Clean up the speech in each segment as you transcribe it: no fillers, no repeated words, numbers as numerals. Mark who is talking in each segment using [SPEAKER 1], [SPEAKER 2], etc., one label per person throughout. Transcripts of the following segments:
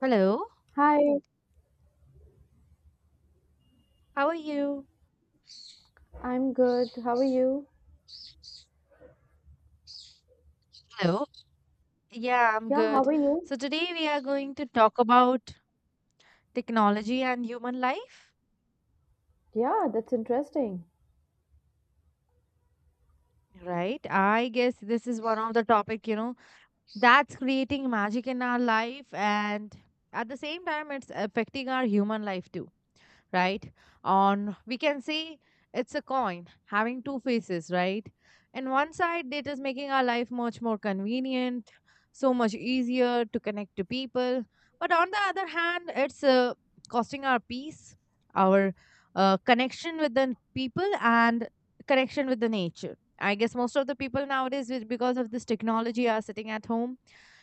[SPEAKER 1] Hello,
[SPEAKER 2] Hi,
[SPEAKER 1] how are you?
[SPEAKER 2] I'm good. How are you?
[SPEAKER 1] Hello. Yeah, I'm
[SPEAKER 2] Yeah, how
[SPEAKER 1] good.
[SPEAKER 2] are you?
[SPEAKER 1] So today we are going to talk about technology and human life,
[SPEAKER 2] Yeah, that's interesting.
[SPEAKER 1] right? I guess this is one of the topic, you know, that's creating magic in our life, and at the same time it's affecting our human life too, right? On we can say it's a coin having two faces, right? In one side it is making our life much more convenient, so much easier to connect to people, but on the other hand, it's costing our peace, our connection with the people, and connection with the nature. I guess most of the people nowadays, because of this technology, are sitting at home,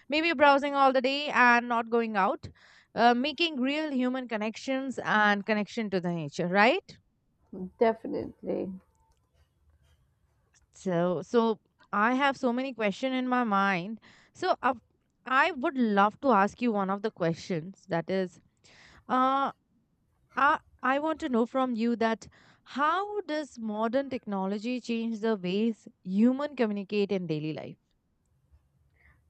[SPEAKER 1] maybe browsing all the day and not going out, making real human connections and connection to the nature, right?
[SPEAKER 2] Definitely.
[SPEAKER 1] So I have so many question in my mind, so I would love to ask you one of the questions that is uh, I want to know from you that how does modern technology change the ways human communicate in daily life?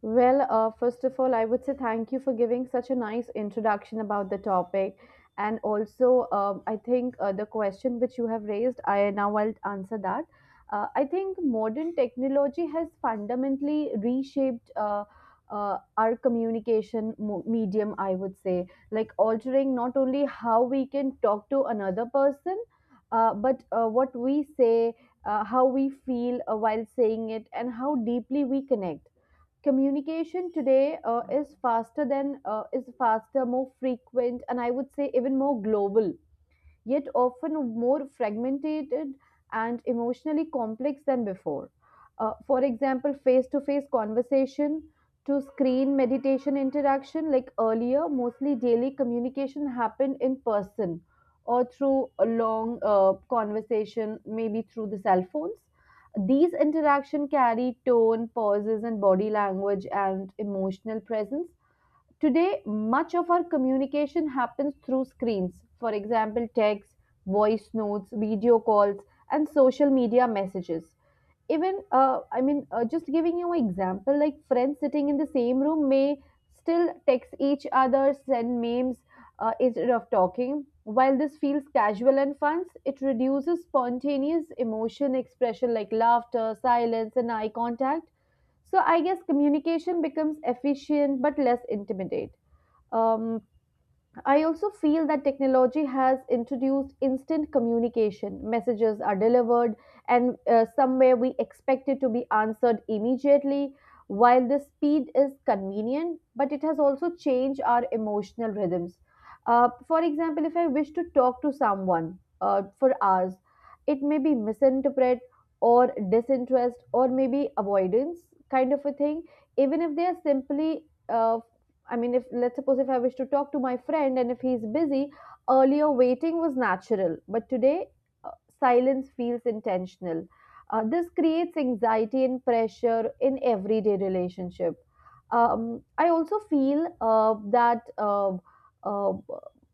[SPEAKER 2] Well, first of all, I would say thank you for giving such a nice introduction about the topic. And also, I think the question which you have raised, I now will answer that. I think modern technology has fundamentally reshaped our medium, I would say, like altering not only how we can talk to another person, but what we say, how we feel while saying it, and how deeply we connect. Communication today is faster than is faster, more frequent, and I would say even more global, yet often more fragmented and emotionally complex than before. For example, face to face conversation to screen meditation interaction, like earlier, mostly daily communication happened in person or through a long conversation, maybe through the cell phones. These interaction carry tone, pauses, and body language and emotional presence. Today, much of our communication happens through screens, for example, texts, voice notes, video calls, and social media messages, even just giving you an example, like friends sitting in the same room may still text each other, send memes instead of talking. While this feels casual and fun, it reduces spontaneous emotion expression like laughter, silence, and eye contact. So I guess communication becomes efficient but less intimidate. um, I also feel that technology has introduced instant communication. Messages are delivered, and somewhere we expect it to be answered immediately. While the speed is convenient, but it has also changed our emotional rhythms. For example, if I wish to talk to someone for hours, it may be misinterpret or disinterest or maybe avoidance kind of a thing, even if they are simply I mean, if let's suppose if I wish to talk to my friend and if he's busy, earlier waiting was natural, but today uh, silence feels intentional. This creates anxiety and pressure in everyday relationship. I also feel that uh,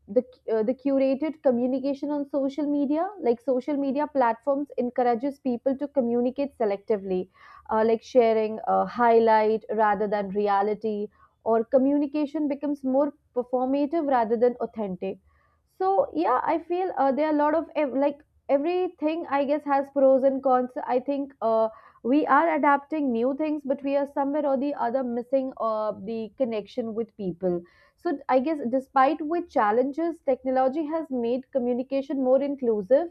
[SPEAKER 2] the the curated communication on social media, like social media platforms, encourages people to communicate selectively, like sharing highlight rather than reality, or communication becomes more performative rather than authentic. So yeah, I feel there are a lot of ev- like everything I guess has pros and cons. I think we are adapting new things, but we are somewhere or the other missing the connection with people. So I guess despite with challenges, technology has made communication more inclusive.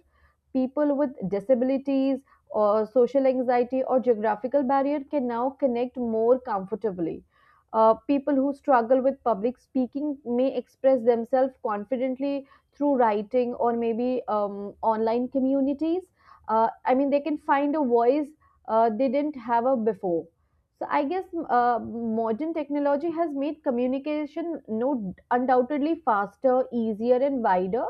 [SPEAKER 2] People with disabilities or social anxiety or geographical barrier can now connect more comfortably. People who struggle with public speaking may express themselves confidently through writing or maybe online communities. I mean, they can find a voice they didn't have a before. So I guess modern technology has made communication no undoubtedly faster, easier, and wider.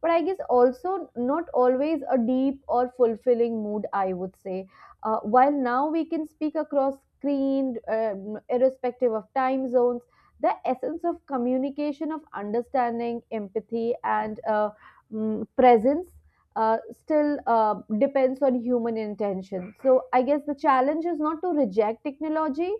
[SPEAKER 2] But I guess also not always a deep or fulfilling mood, I would say. While now we can speak across screen, irrespective of time zones, the essence of communication, of understanding, empathy, and presence still depends on human intention. So I guess the challenge is not to reject technology,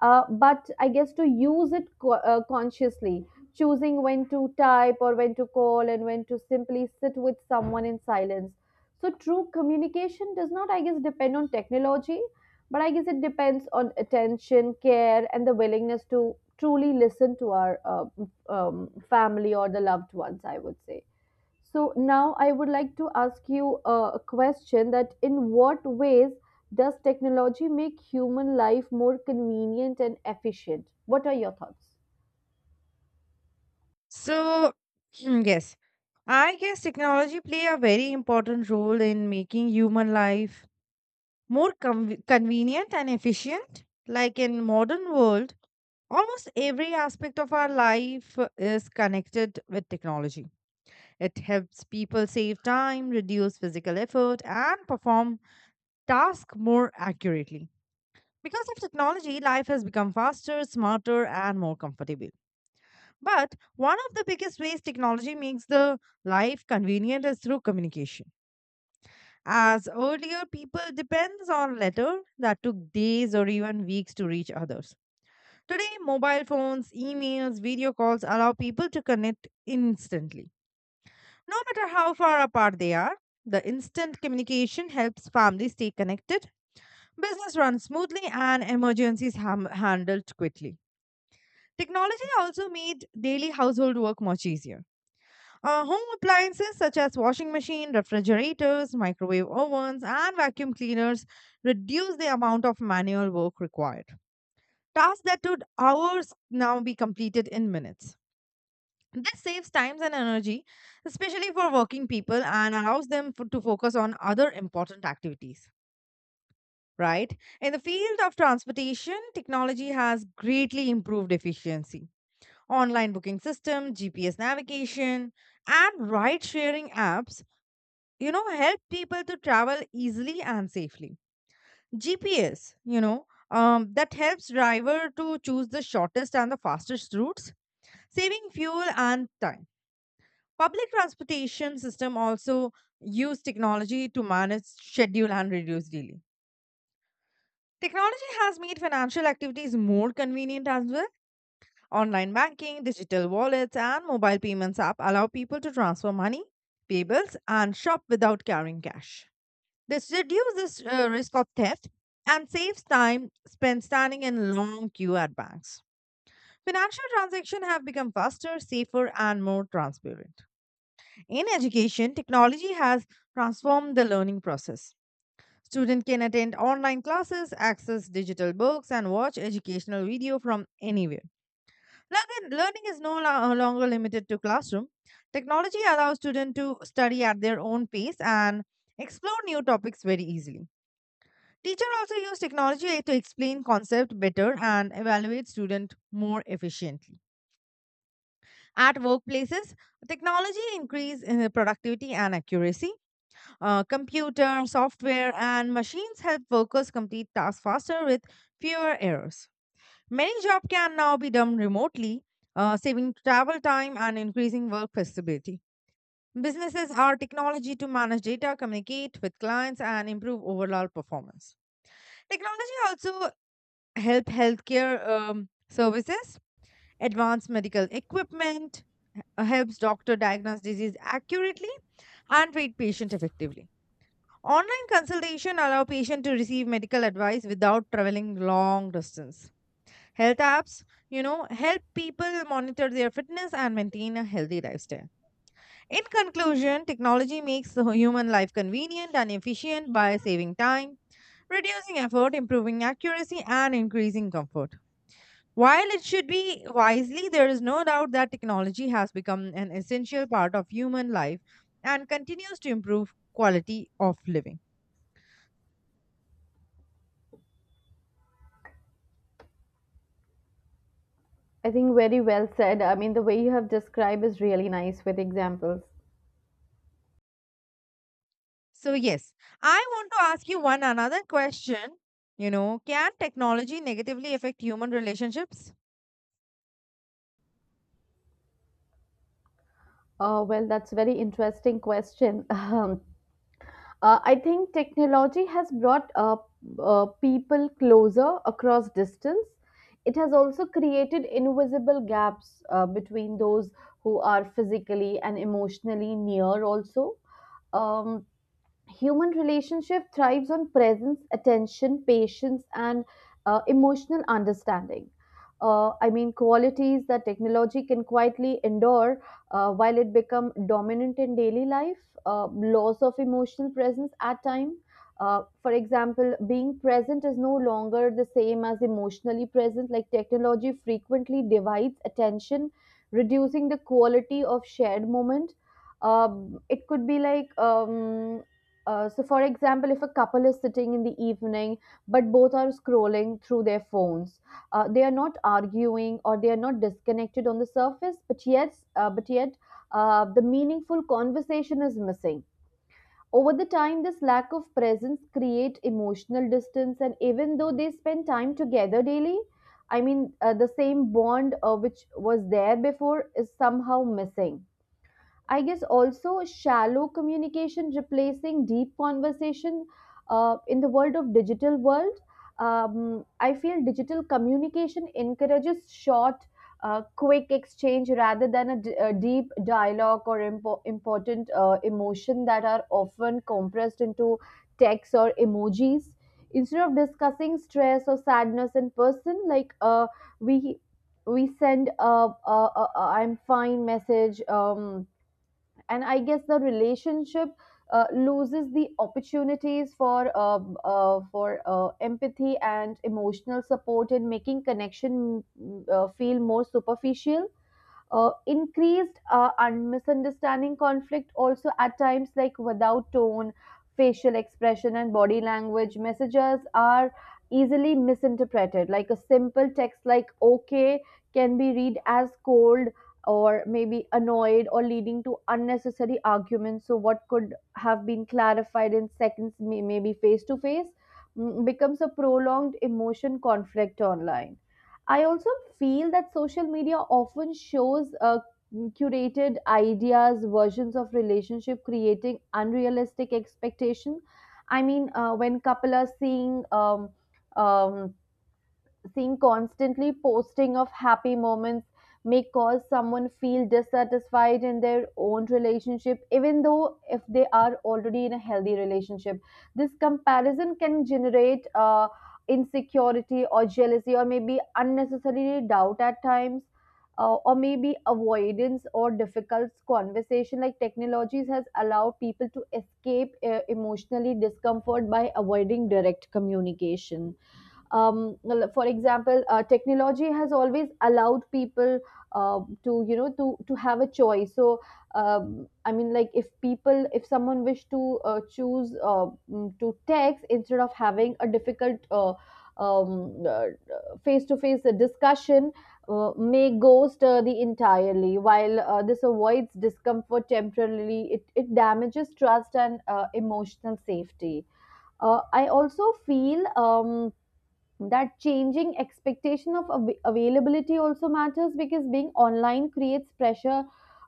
[SPEAKER 2] but I guess to use it consciously, choosing when to type or when to call and when to simply sit with someone in silence. So true communication does not, I guess, depend on technology, but I guess it depends on attention, care, and the willingness to truly listen to our family or the loved ones, I would say. So now I would like to ask you a question: that in what ways does technology make human life more convenient and efficient? What are your thoughts?
[SPEAKER 1] So, yes, I guess technology play a very important role in making human life more convenient and efficient. Like in modern world, almost every aspect of our life is connected with technology. It helps people save time, reduce physical effort, and perform tasks more accurately. Because of technology, life has become faster, smarter, and more comfortable. But one of the biggest ways technology makes the life convenient is through communication. As earlier, people depends on letter that took days or even weeks to reach others. Today, mobile phones, emails, video calls allow people to connect instantly. No matter how far apart they are, the instant communication helps families stay connected, business runs smoothly, and emergencies ham handled quickly. Technology also made daily household work much easier. Home appliances such as washing machine, refrigerators, microwave ovens, and vacuum cleaners reduce the amount of manual work required. Tasks that took hours now be completed in minutes. This saves time and energy, especially for working people, and allows them to focus on other important activities, right? In the field of transportation, technology has greatly improved efficiency. Online booking system, GPS navigation, and ride sharing apps, you know, help people to travel easily and safely. GPS, you know, that helps driver to choose the shortest and the fastest routes, saving fuel and time. Public transportation system also use technology to manage schedule and reduce delay. Technology has made financial activities more convenient as well. Online banking, digital wallets, and mobile payments app allow people to transfer money, pay bills, and shop without carrying cash. This reduces risk of theft and saves time spent standing in long queue at banks. Financial transactions have become faster, safer, and more transparent. In education, technology has transformed the learning process. Students can attend online classes, access digital books, and watch educational video from anywhere. Learning is no longer limited to classroom. Technology allows students to study at their own pace and explore new topics very easily. Teacher also use technology to explain concept better and evaluate student more efficiently. At workplaces, technology increase in the productivity and accuracy. Computer, software, and machines help workers complete tasks faster with fewer errors. Many jobs can now be done remotely, saving travel time and increasing work flexibility. Businesses are technology to manage data, communicate with clients, and improve overall performance. Technology also help healthcare services, advanced medical equipment, helps doctor diagnose disease accurately and treat patient effectively. Online consultation allow patient to receive medical advice without traveling long distance. Health apps, you know, help people monitor their fitness and maintain a healthy lifestyle. In conclusion, technology makes the human life convenient and efficient by saving time, reducing effort, improving accuracy, and increasing comfort. While it should be wisely, there is no doubt that technology has become an essential part of human life and continues to improve quality of living.
[SPEAKER 2] I think very well said. I mean, the way you have described is really nice with examples.
[SPEAKER 1] So, yes, I want to ask you one another question. You know, can technology negatively affect human relationships?
[SPEAKER 2] Well, that's a very interesting question. Um, I think technology has brought people closer across distance. It has also created invisible gaps between those who are physically and emotionally near, also. Um, Human relationship thrives on presence, attention, patience, and emotional understanding, I mean qualities that technology can quietly endure while it become dominant in daily life. Loss of emotional presence at time, for example, being present is no longer the same as emotionally present, like technology frequently divides attention, reducing the quality of shared moment. It could be like So, for example, if a couple is sitting in the evening, but both are scrolling through their phones, they are not arguing or they are not disconnected on the surface, but yes, but yet the meaningful conversation is missing. Over the time, this lack of presence create emotional distance, and even though they spend time together daily, I mean, the same bond which was there before is somehow missing. I guess also shallow communication replacing deep conversation in the world of digital world. I feel digital communication encourages short, quick exchange rather than a deep dialogue, or important emotion that are often compressed into text or emojis. Instead of discussing stress or sadness in person, like we we send a I'm fine message. And I guess the relationship loses the opportunities for empathy and emotional support, in making connection feel more superficial. Increased misunderstanding conflict also at times, like without tone, facial expression, and body language, messages are easily misinterpreted. Like a simple text like okay can be read as cold or maybe annoyed, or leading to unnecessary arguments. So what could have been clarified in seconds maybe face to face becomes a prolonged emotion conflict online. I also feel that social media often shows curated ideas, versions of relationship, creating unrealistic expectation. I mean, when couple are seeing um, seeing constantly posting of happy moments may cause someone feel dissatisfied in their own relationship, even though if they are already in a healthy relationship. This comparison can generate insecurity or jealousy or maybe unnecessary doubt at times, or maybe avoidance or difficult conversation. Like technologies has allowed people to escape emotionally discomfort by avoiding direct communication. um, for example, technology has always allowed people to you know to have a choice. So I mean, like if people, if someone wish to choose to text instead of having a difficult um, uh, face-to-face discussion, may ghost the entirely. While this avoids discomfort temporarily, it damages trust and emotional safety. I also feel that changing expectation of availability also matters, because being online creates pressure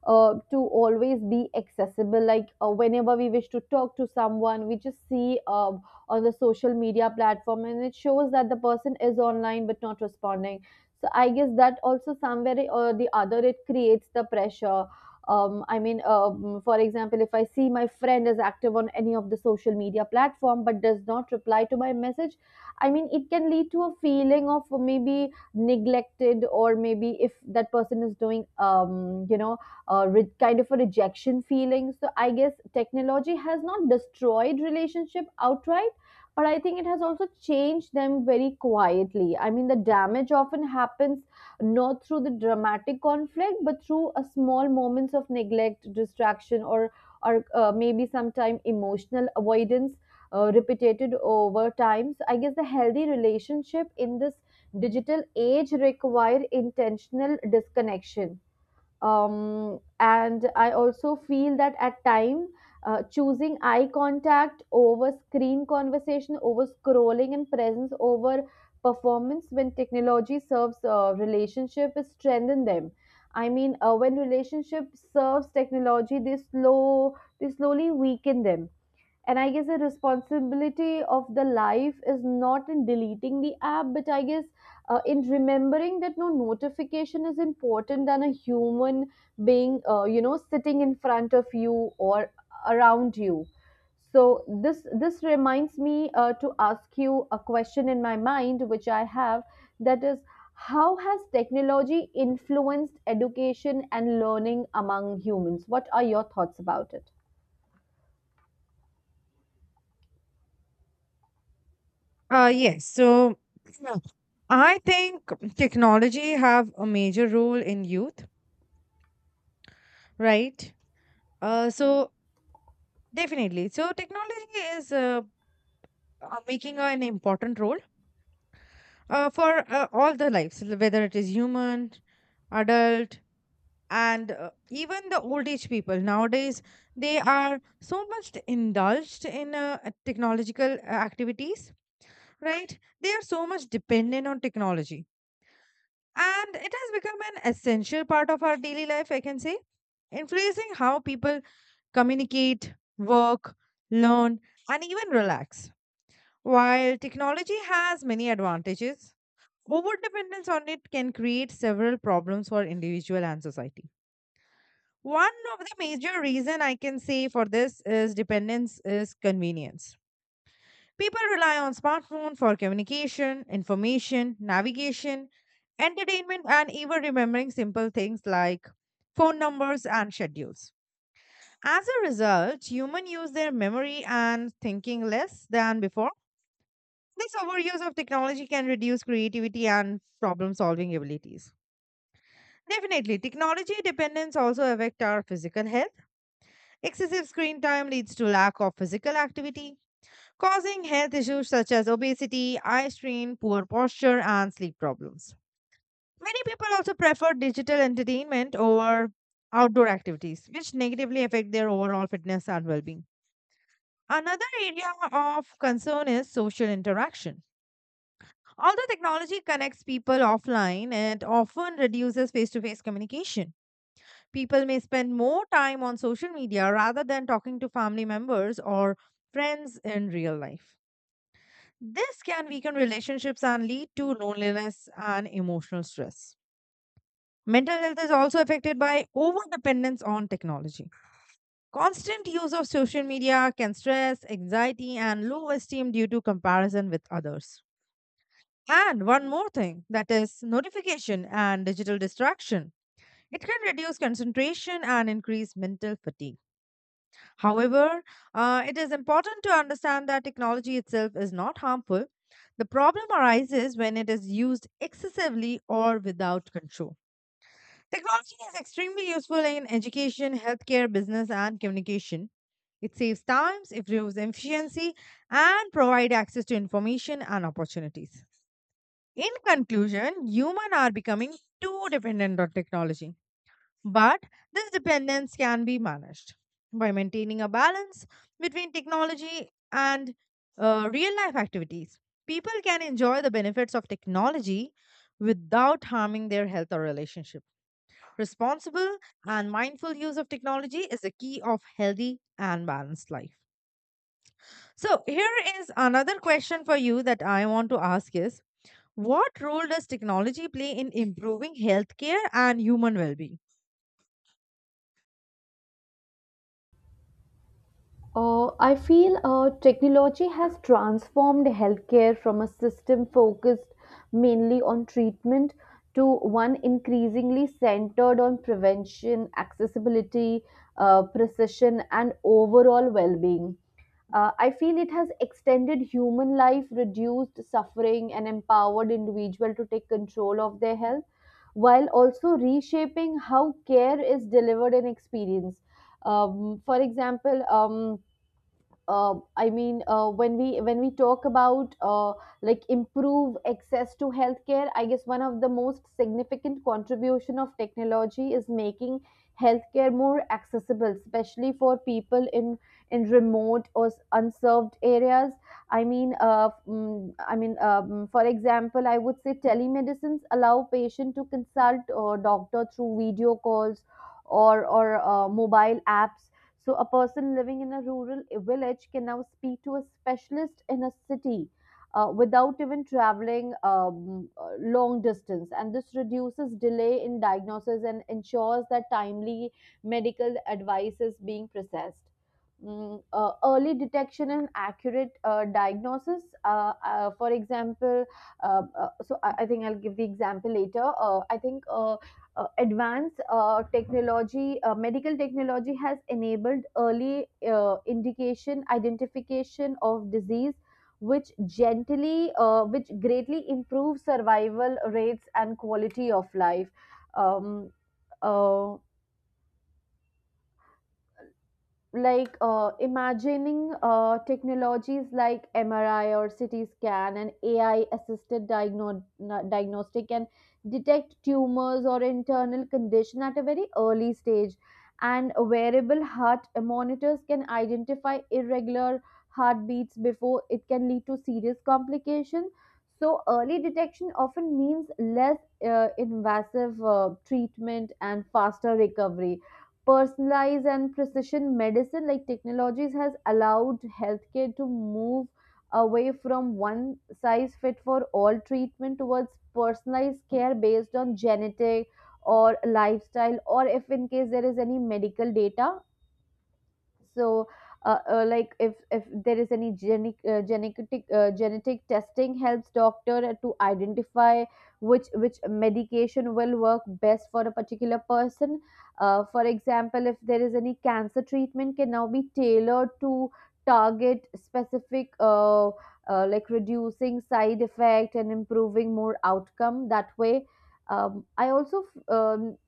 [SPEAKER 2] to always be accessible. Like whenever we wish to talk to someone, we just see on the social media platform and it shows that the person is online but not responding. So I guess that also somewhere or the other it creates the pressure. I mean, for example, if I see my friend is active on any of the social media platform but does not reply to my message, I mean, it can lead to a feeling of maybe neglected, or maybe if that person is doing, you know, kind of a rejection feeling. So I guess technology has not destroyed relationship outright, but I think it has also changed them very quietly. I mean, the damage often happens not through the dramatic conflict, but through a small moments of neglect, distraction, or maybe sometime emotional avoidance repeated over times. I guess the healthy relationship in this digital age require intentional disconnection. And I also feel that at time, choosing eye contact over screen, conversation over scrolling, and presence over performance, when technology serves relationship is strengthen them. I mean, when relationship serves technology, they slowly weaken them. And I guess the responsibility of the life is not in deleting the app, but I guess in remembering that no notification is important than a human being, you know, sitting in front of you or around you. So this reminds me to ask you a question in my mind which I have, that is: how has technology influenced education and learning among humans? What are your thoughts about it?
[SPEAKER 1] Yes. So, I think technology have a major role in youth, right? So definitely. So technology is making an important role for all the lives, whether it is human, adult, and even the old age people. Nowadays, they are so much indulged in technological activities, right? They are so much dependent on technology. And it has become an essential part of our daily life, I can say, influencing how people communicate, work, learn, and even relax. While technology has many advantages, overdependence on it can create several problems for individual and society. One of the major reason I can say for this is dependence is convenience. People rely on smartphone for communication, information, navigation, entertainment, and even remembering simple things like phone numbers and schedules. As a result, humans use their memory and thinking less than before. This overuse of technology can reduce creativity and problem solving abilities. Definitely, technology dependence also affect our physical health. Excessive screen time leads to lack of physical activity, causing health issues such as obesity, eye strain, poor posture, and sleep problems. Many people also prefer digital entertainment over outdoor activities, which negatively affect their overall fitness and well-being. Another area of concern is social interaction. Although technology connects people offline, it often reduces face-to-face communication. People may spend more time on social media rather than talking to family members or friends in real life. This can weaken relationships and lead to loneliness and emotional stress. Mental health is also affected by overdependence on technology. Constant use of social media can stress, anxiety, and low esteem due to comparison with others. And one more thing that is notification and digital distraction. It can reduce concentration and increase mental fatigue. However, it is important to understand that technology itself is not harmful. The problem arises when it is used excessively or without control. Technology is extremely useful in education, healthcare, business, and communication. It saves time, improves efficiency, and provides access to information and opportunities. In conclusion, humans are becoming too dependent on technology. But this dependence can be managed by maintaining a balance between technology and real life activities. People can enjoy the benefits of technology without harming their health or relationship. Responsible and mindful use of technology is the key of healthy and balanced life. So, here is another question for you that I want to ask is what role does technology play in improving healthcare and human well-being?
[SPEAKER 2] I feel technology has transformed healthcare from a system focused mainly on treatment to one increasingly centered on prevention, accessibility, precision, and overall well being. I feel it has extended human life, reduced suffering, and empowered individuals to take control of their health, while also reshaping how care is delivered and experienced. For example, when we talk about like improve access to healthcare, I guess one of the most significant contribution of technology is making healthcare more accessible, especially for people in remote or unserved areas. For example, I would say telemedicines allow patient to consult a doctor through video calls or mobile apps, so a person living in a rural village can now speak to a specialist in a city without even traveling long distance, and this reduces delay in diagnosis and ensures that timely medical advice is being processed. Early detection and accurate diagnosis. For example, so I think I'll give the example later. I think advanced technology, medical technology has enabled early identification of disease, which which greatly improves survival rates and quality of life. Um, uh, like imagining technologies like MRI or CT scan and AI assisted diagnostic can detect tumors or internal condition at a very early stage, and wearable heart monitors can identify irregular heartbeats before it can lead to serious complications. So early detection often means less invasive treatment and faster recovery. Personalized and precision medicine, like technologies, has allowed healthcare to move away from one size fit for all treatment towards personalized care based on genetic or lifestyle, or if in case there is any medical data. So like if there is any genetic genetic testing helps doctor to identify which medication will work best for a particular person. For example, if there is any cancer treatment can now be tailored to target specific like reducing side effect and improving more outcome that way. I also um,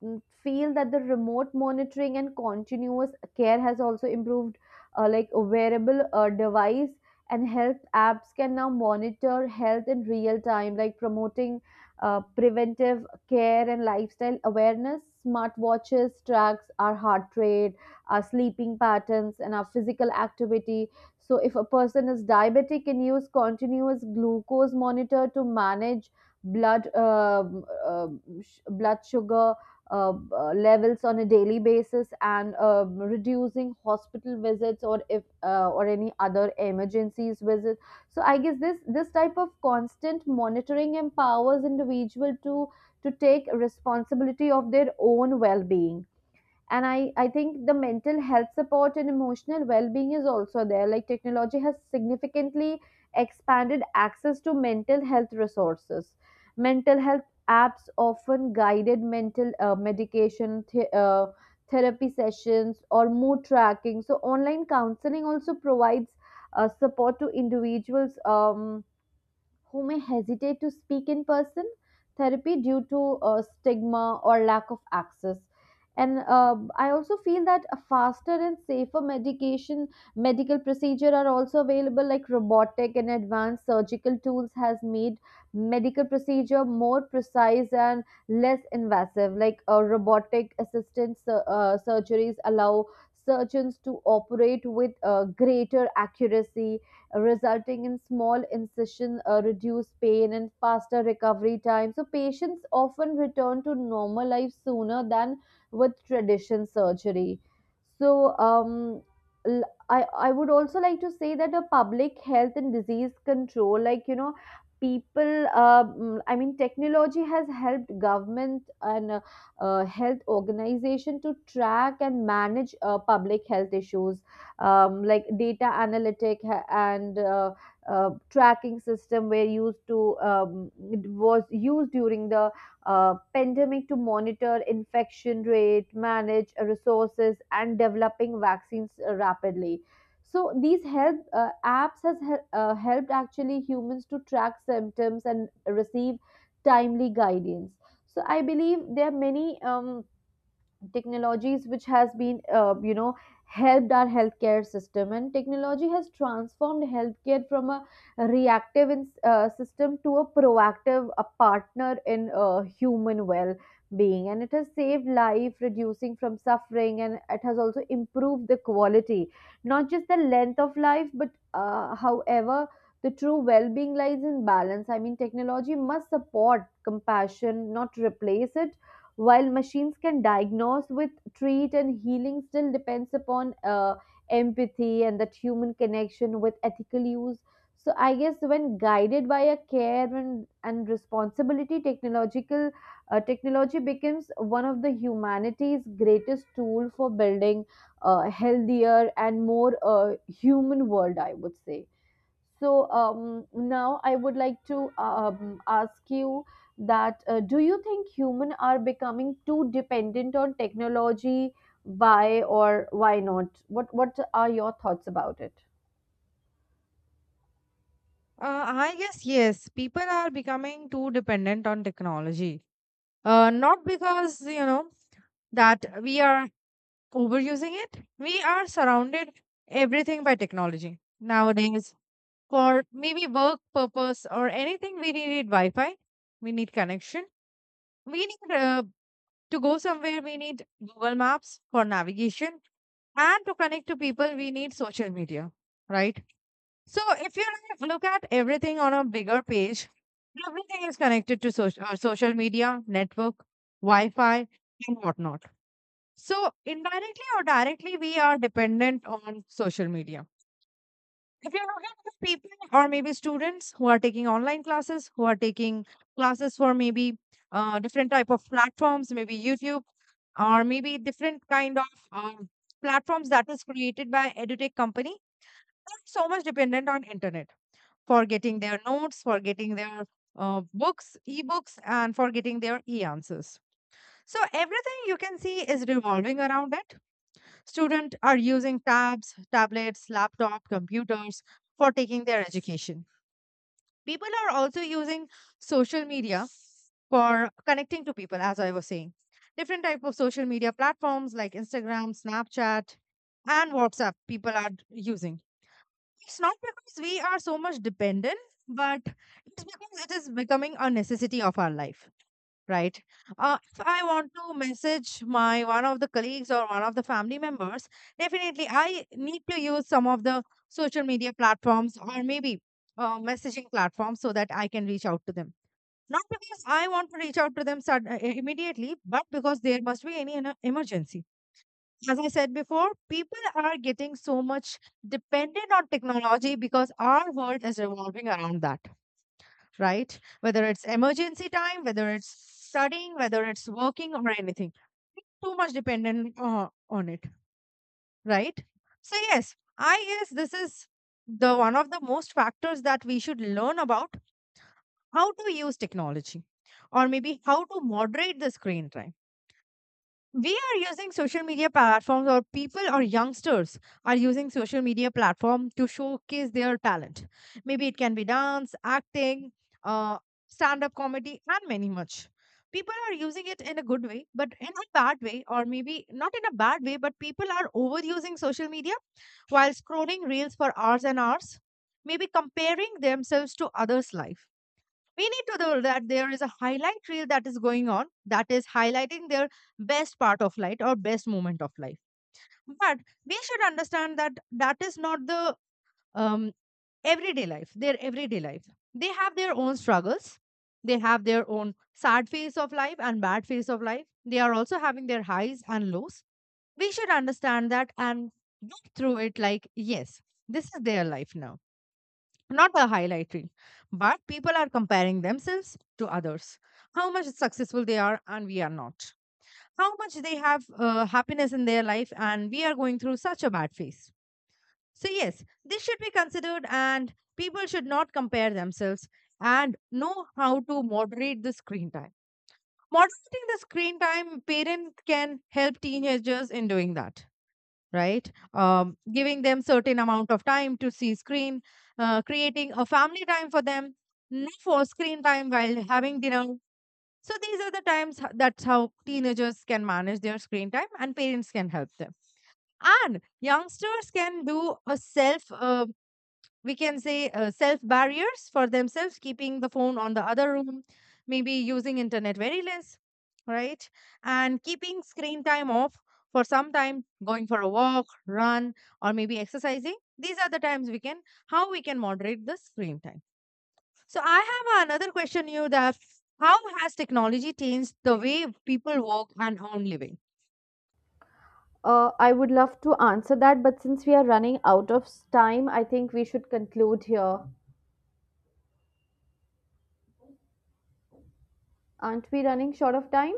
[SPEAKER 2] feel that the remote monitoring and continuous care has also improved. Like a wearable device and health apps can now monitor health in real time, like promoting preventive care and lifestyle awareness. Smartwatches tracks our heart rate, our sleeping patterns, and our physical activity. So, if a person is diabetic, can use continuous glucose monitor to manage blood um, uh, blood sugar levels on a daily basis and reducing hospital visits or if or any other emergencies visits. So I guess this type of constant monitoring empowers individual to take responsibility of their own well-being. And I think the mental health support and emotional well-being is also there. Like technology has significantly expanded access to mental health resources. Mental health apps often guided mental medication therapy sessions or mood tracking. So online counseling also provides support to individuals who may hesitate to speak in person therapy due to stigma or lack of access. And I also feel that a faster and safer medication medical procedure are also available. Like robotic and advanced surgical tools has made medical procedure more precise and less invasive. Like robotic assisted surgeries allow surgeons to operate with greater accuracy, resulting in small incision, reduced pain, and faster recovery time. So, patients often return to normal life sooner than with traditional surgery. So, um, l- I would also like to say that a public health and disease control, like, you know, people, I mean, technology has helped government and health organization to track and manage public health issues. Like data analytic ha- and tracking system were used to it was used during the pandemic to monitor infection rate, manage resources, and developing vaccines rapidly. So these help apps has helped actually humans to track symptoms and receive timely guidance. So I believe there are many. Technologies which has been you know helped our healthcare system, and technology has transformed healthcare from a reactive system to a proactive a partner in human well being, and it has saved life reducing from suffering, and it has also improved the quality, not just the length of life. But however, the true well being lies in balance. I mean, technology must support compassion, not replace it. While machines can diagnose with treat, and healing still depends upon empathy and that human connection with ethical use. So I guess when guided by a care and responsibility, technological technology becomes one of the humanity's greatest tool for building a healthier and more human world, I would say. So now I would like to ask you that do you think humans are becoming too dependent on technology? Why or why not? What are your thoughts about it?
[SPEAKER 1] I guess yes. People are becoming too dependent on technology. Not because, you know, that we are overusing it. We are surrounded everything by technology nowadays. For maybe work purpose or anything, we need Wi-Fi. We need connection. We need to go somewhere. We need Google Maps for navigation, and to connect to people, we need social media, right? So if you like look at everything on a bigger page, everything is connected to social media, network, Wi-Fi, and whatnot. So indirectly or directly, we are dependent on social media. If you look at the people or maybe students who are taking online classes, who are taking classes for maybe different type of platforms, maybe YouTube or maybe different kind of um, platforms that is created by edutech company, they're so much dependent on internet for getting their notes, for getting their books, ebooks, and for getting their e answers. So, everything you can see is revolving around it. Students are using tabs, tablets, laptop, computers for taking their education. People are also using social media for connecting to people, as I was saying. Different type of social media platforms like Instagram, Snapchat, and WhatsApp people are using. It's not because we are so much dependent, but it's because it is becoming a necessity of our life, right? If I want to message my one of the colleagues or one of the family members, definitely I need to use some of the social media platforms or maybe messaging platforms so that I can reach out to them. Not because I want to reach out to them immediately, but because there must be any emergency. As I said before, people are getting so much dependent on technology because our world is revolving around that, right? Whether it's emergency time, whether it's studying, whether it's working or anything, too much dependent on it, right? So yes, I guess this is the one of the most factors that we should learn about how to use technology, or maybe how to moderate the screen time. We are using social media platforms, or people or youngsters are using social media platform to showcase their talent. Maybe it can be dance, acting, uh, stand up comedy, and many much people are using it in a good way. But in a bad way, or maybe not in a bad way, but people are overusing social media while scrolling reels for hours and hours, maybe comparing themselves to others life. We need to know that there is a highlight reel that is going on that is highlighting their best part of life or best moment of life. But we should understand that that is not the um, everyday life, their everyday life. They have their own struggles, they have their own sad phase of life and bad phase of life. They are also having their highs and lows. We should understand that and get through it. Like, yes, this is their life now, not a highlight reel, but people are comparing themselves to others, how much successful they are and we are not, how much they have happiness in their life and we are going through such a bad phase. So, yes, this should be considered, and people should not compare themselves and know how to moderate the screen time. Moderating the screen time, parent can help teenagers in doing that, right? Um, giving them certain amount of time to see screen, creating a family time for them, no for screen time while having dinner. So these are the times that's how teenagers can manage their screen time and parents can help them. And youngsters can do a self we can say self barriers for themselves, keeping the phone on the other room, maybe using internet very less, right? And keeping screen time off for some time, going for a walk, run, or maybe exercising. These are the times we can, how we can moderate the screen time. So I have another question you that how has technology changed the way people work and earn living?
[SPEAKER 2] I would love to answer that, but since we are running out of time, I think we should conclude here. Aren't we running short of time?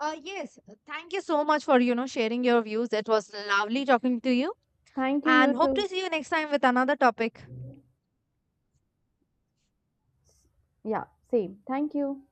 [SPEAKER 1] Uh, yes, thank you so much for, you know, sharing your views. It was lovely talking to you,
[SPEAKER 2] Thank you, you
[SPEAKER 1] and hope
[SPEAKER 2] too.
[SPEAKER 1] to see you next time with another topic.
[SPEAKER 2] Yeah, same. Thank you.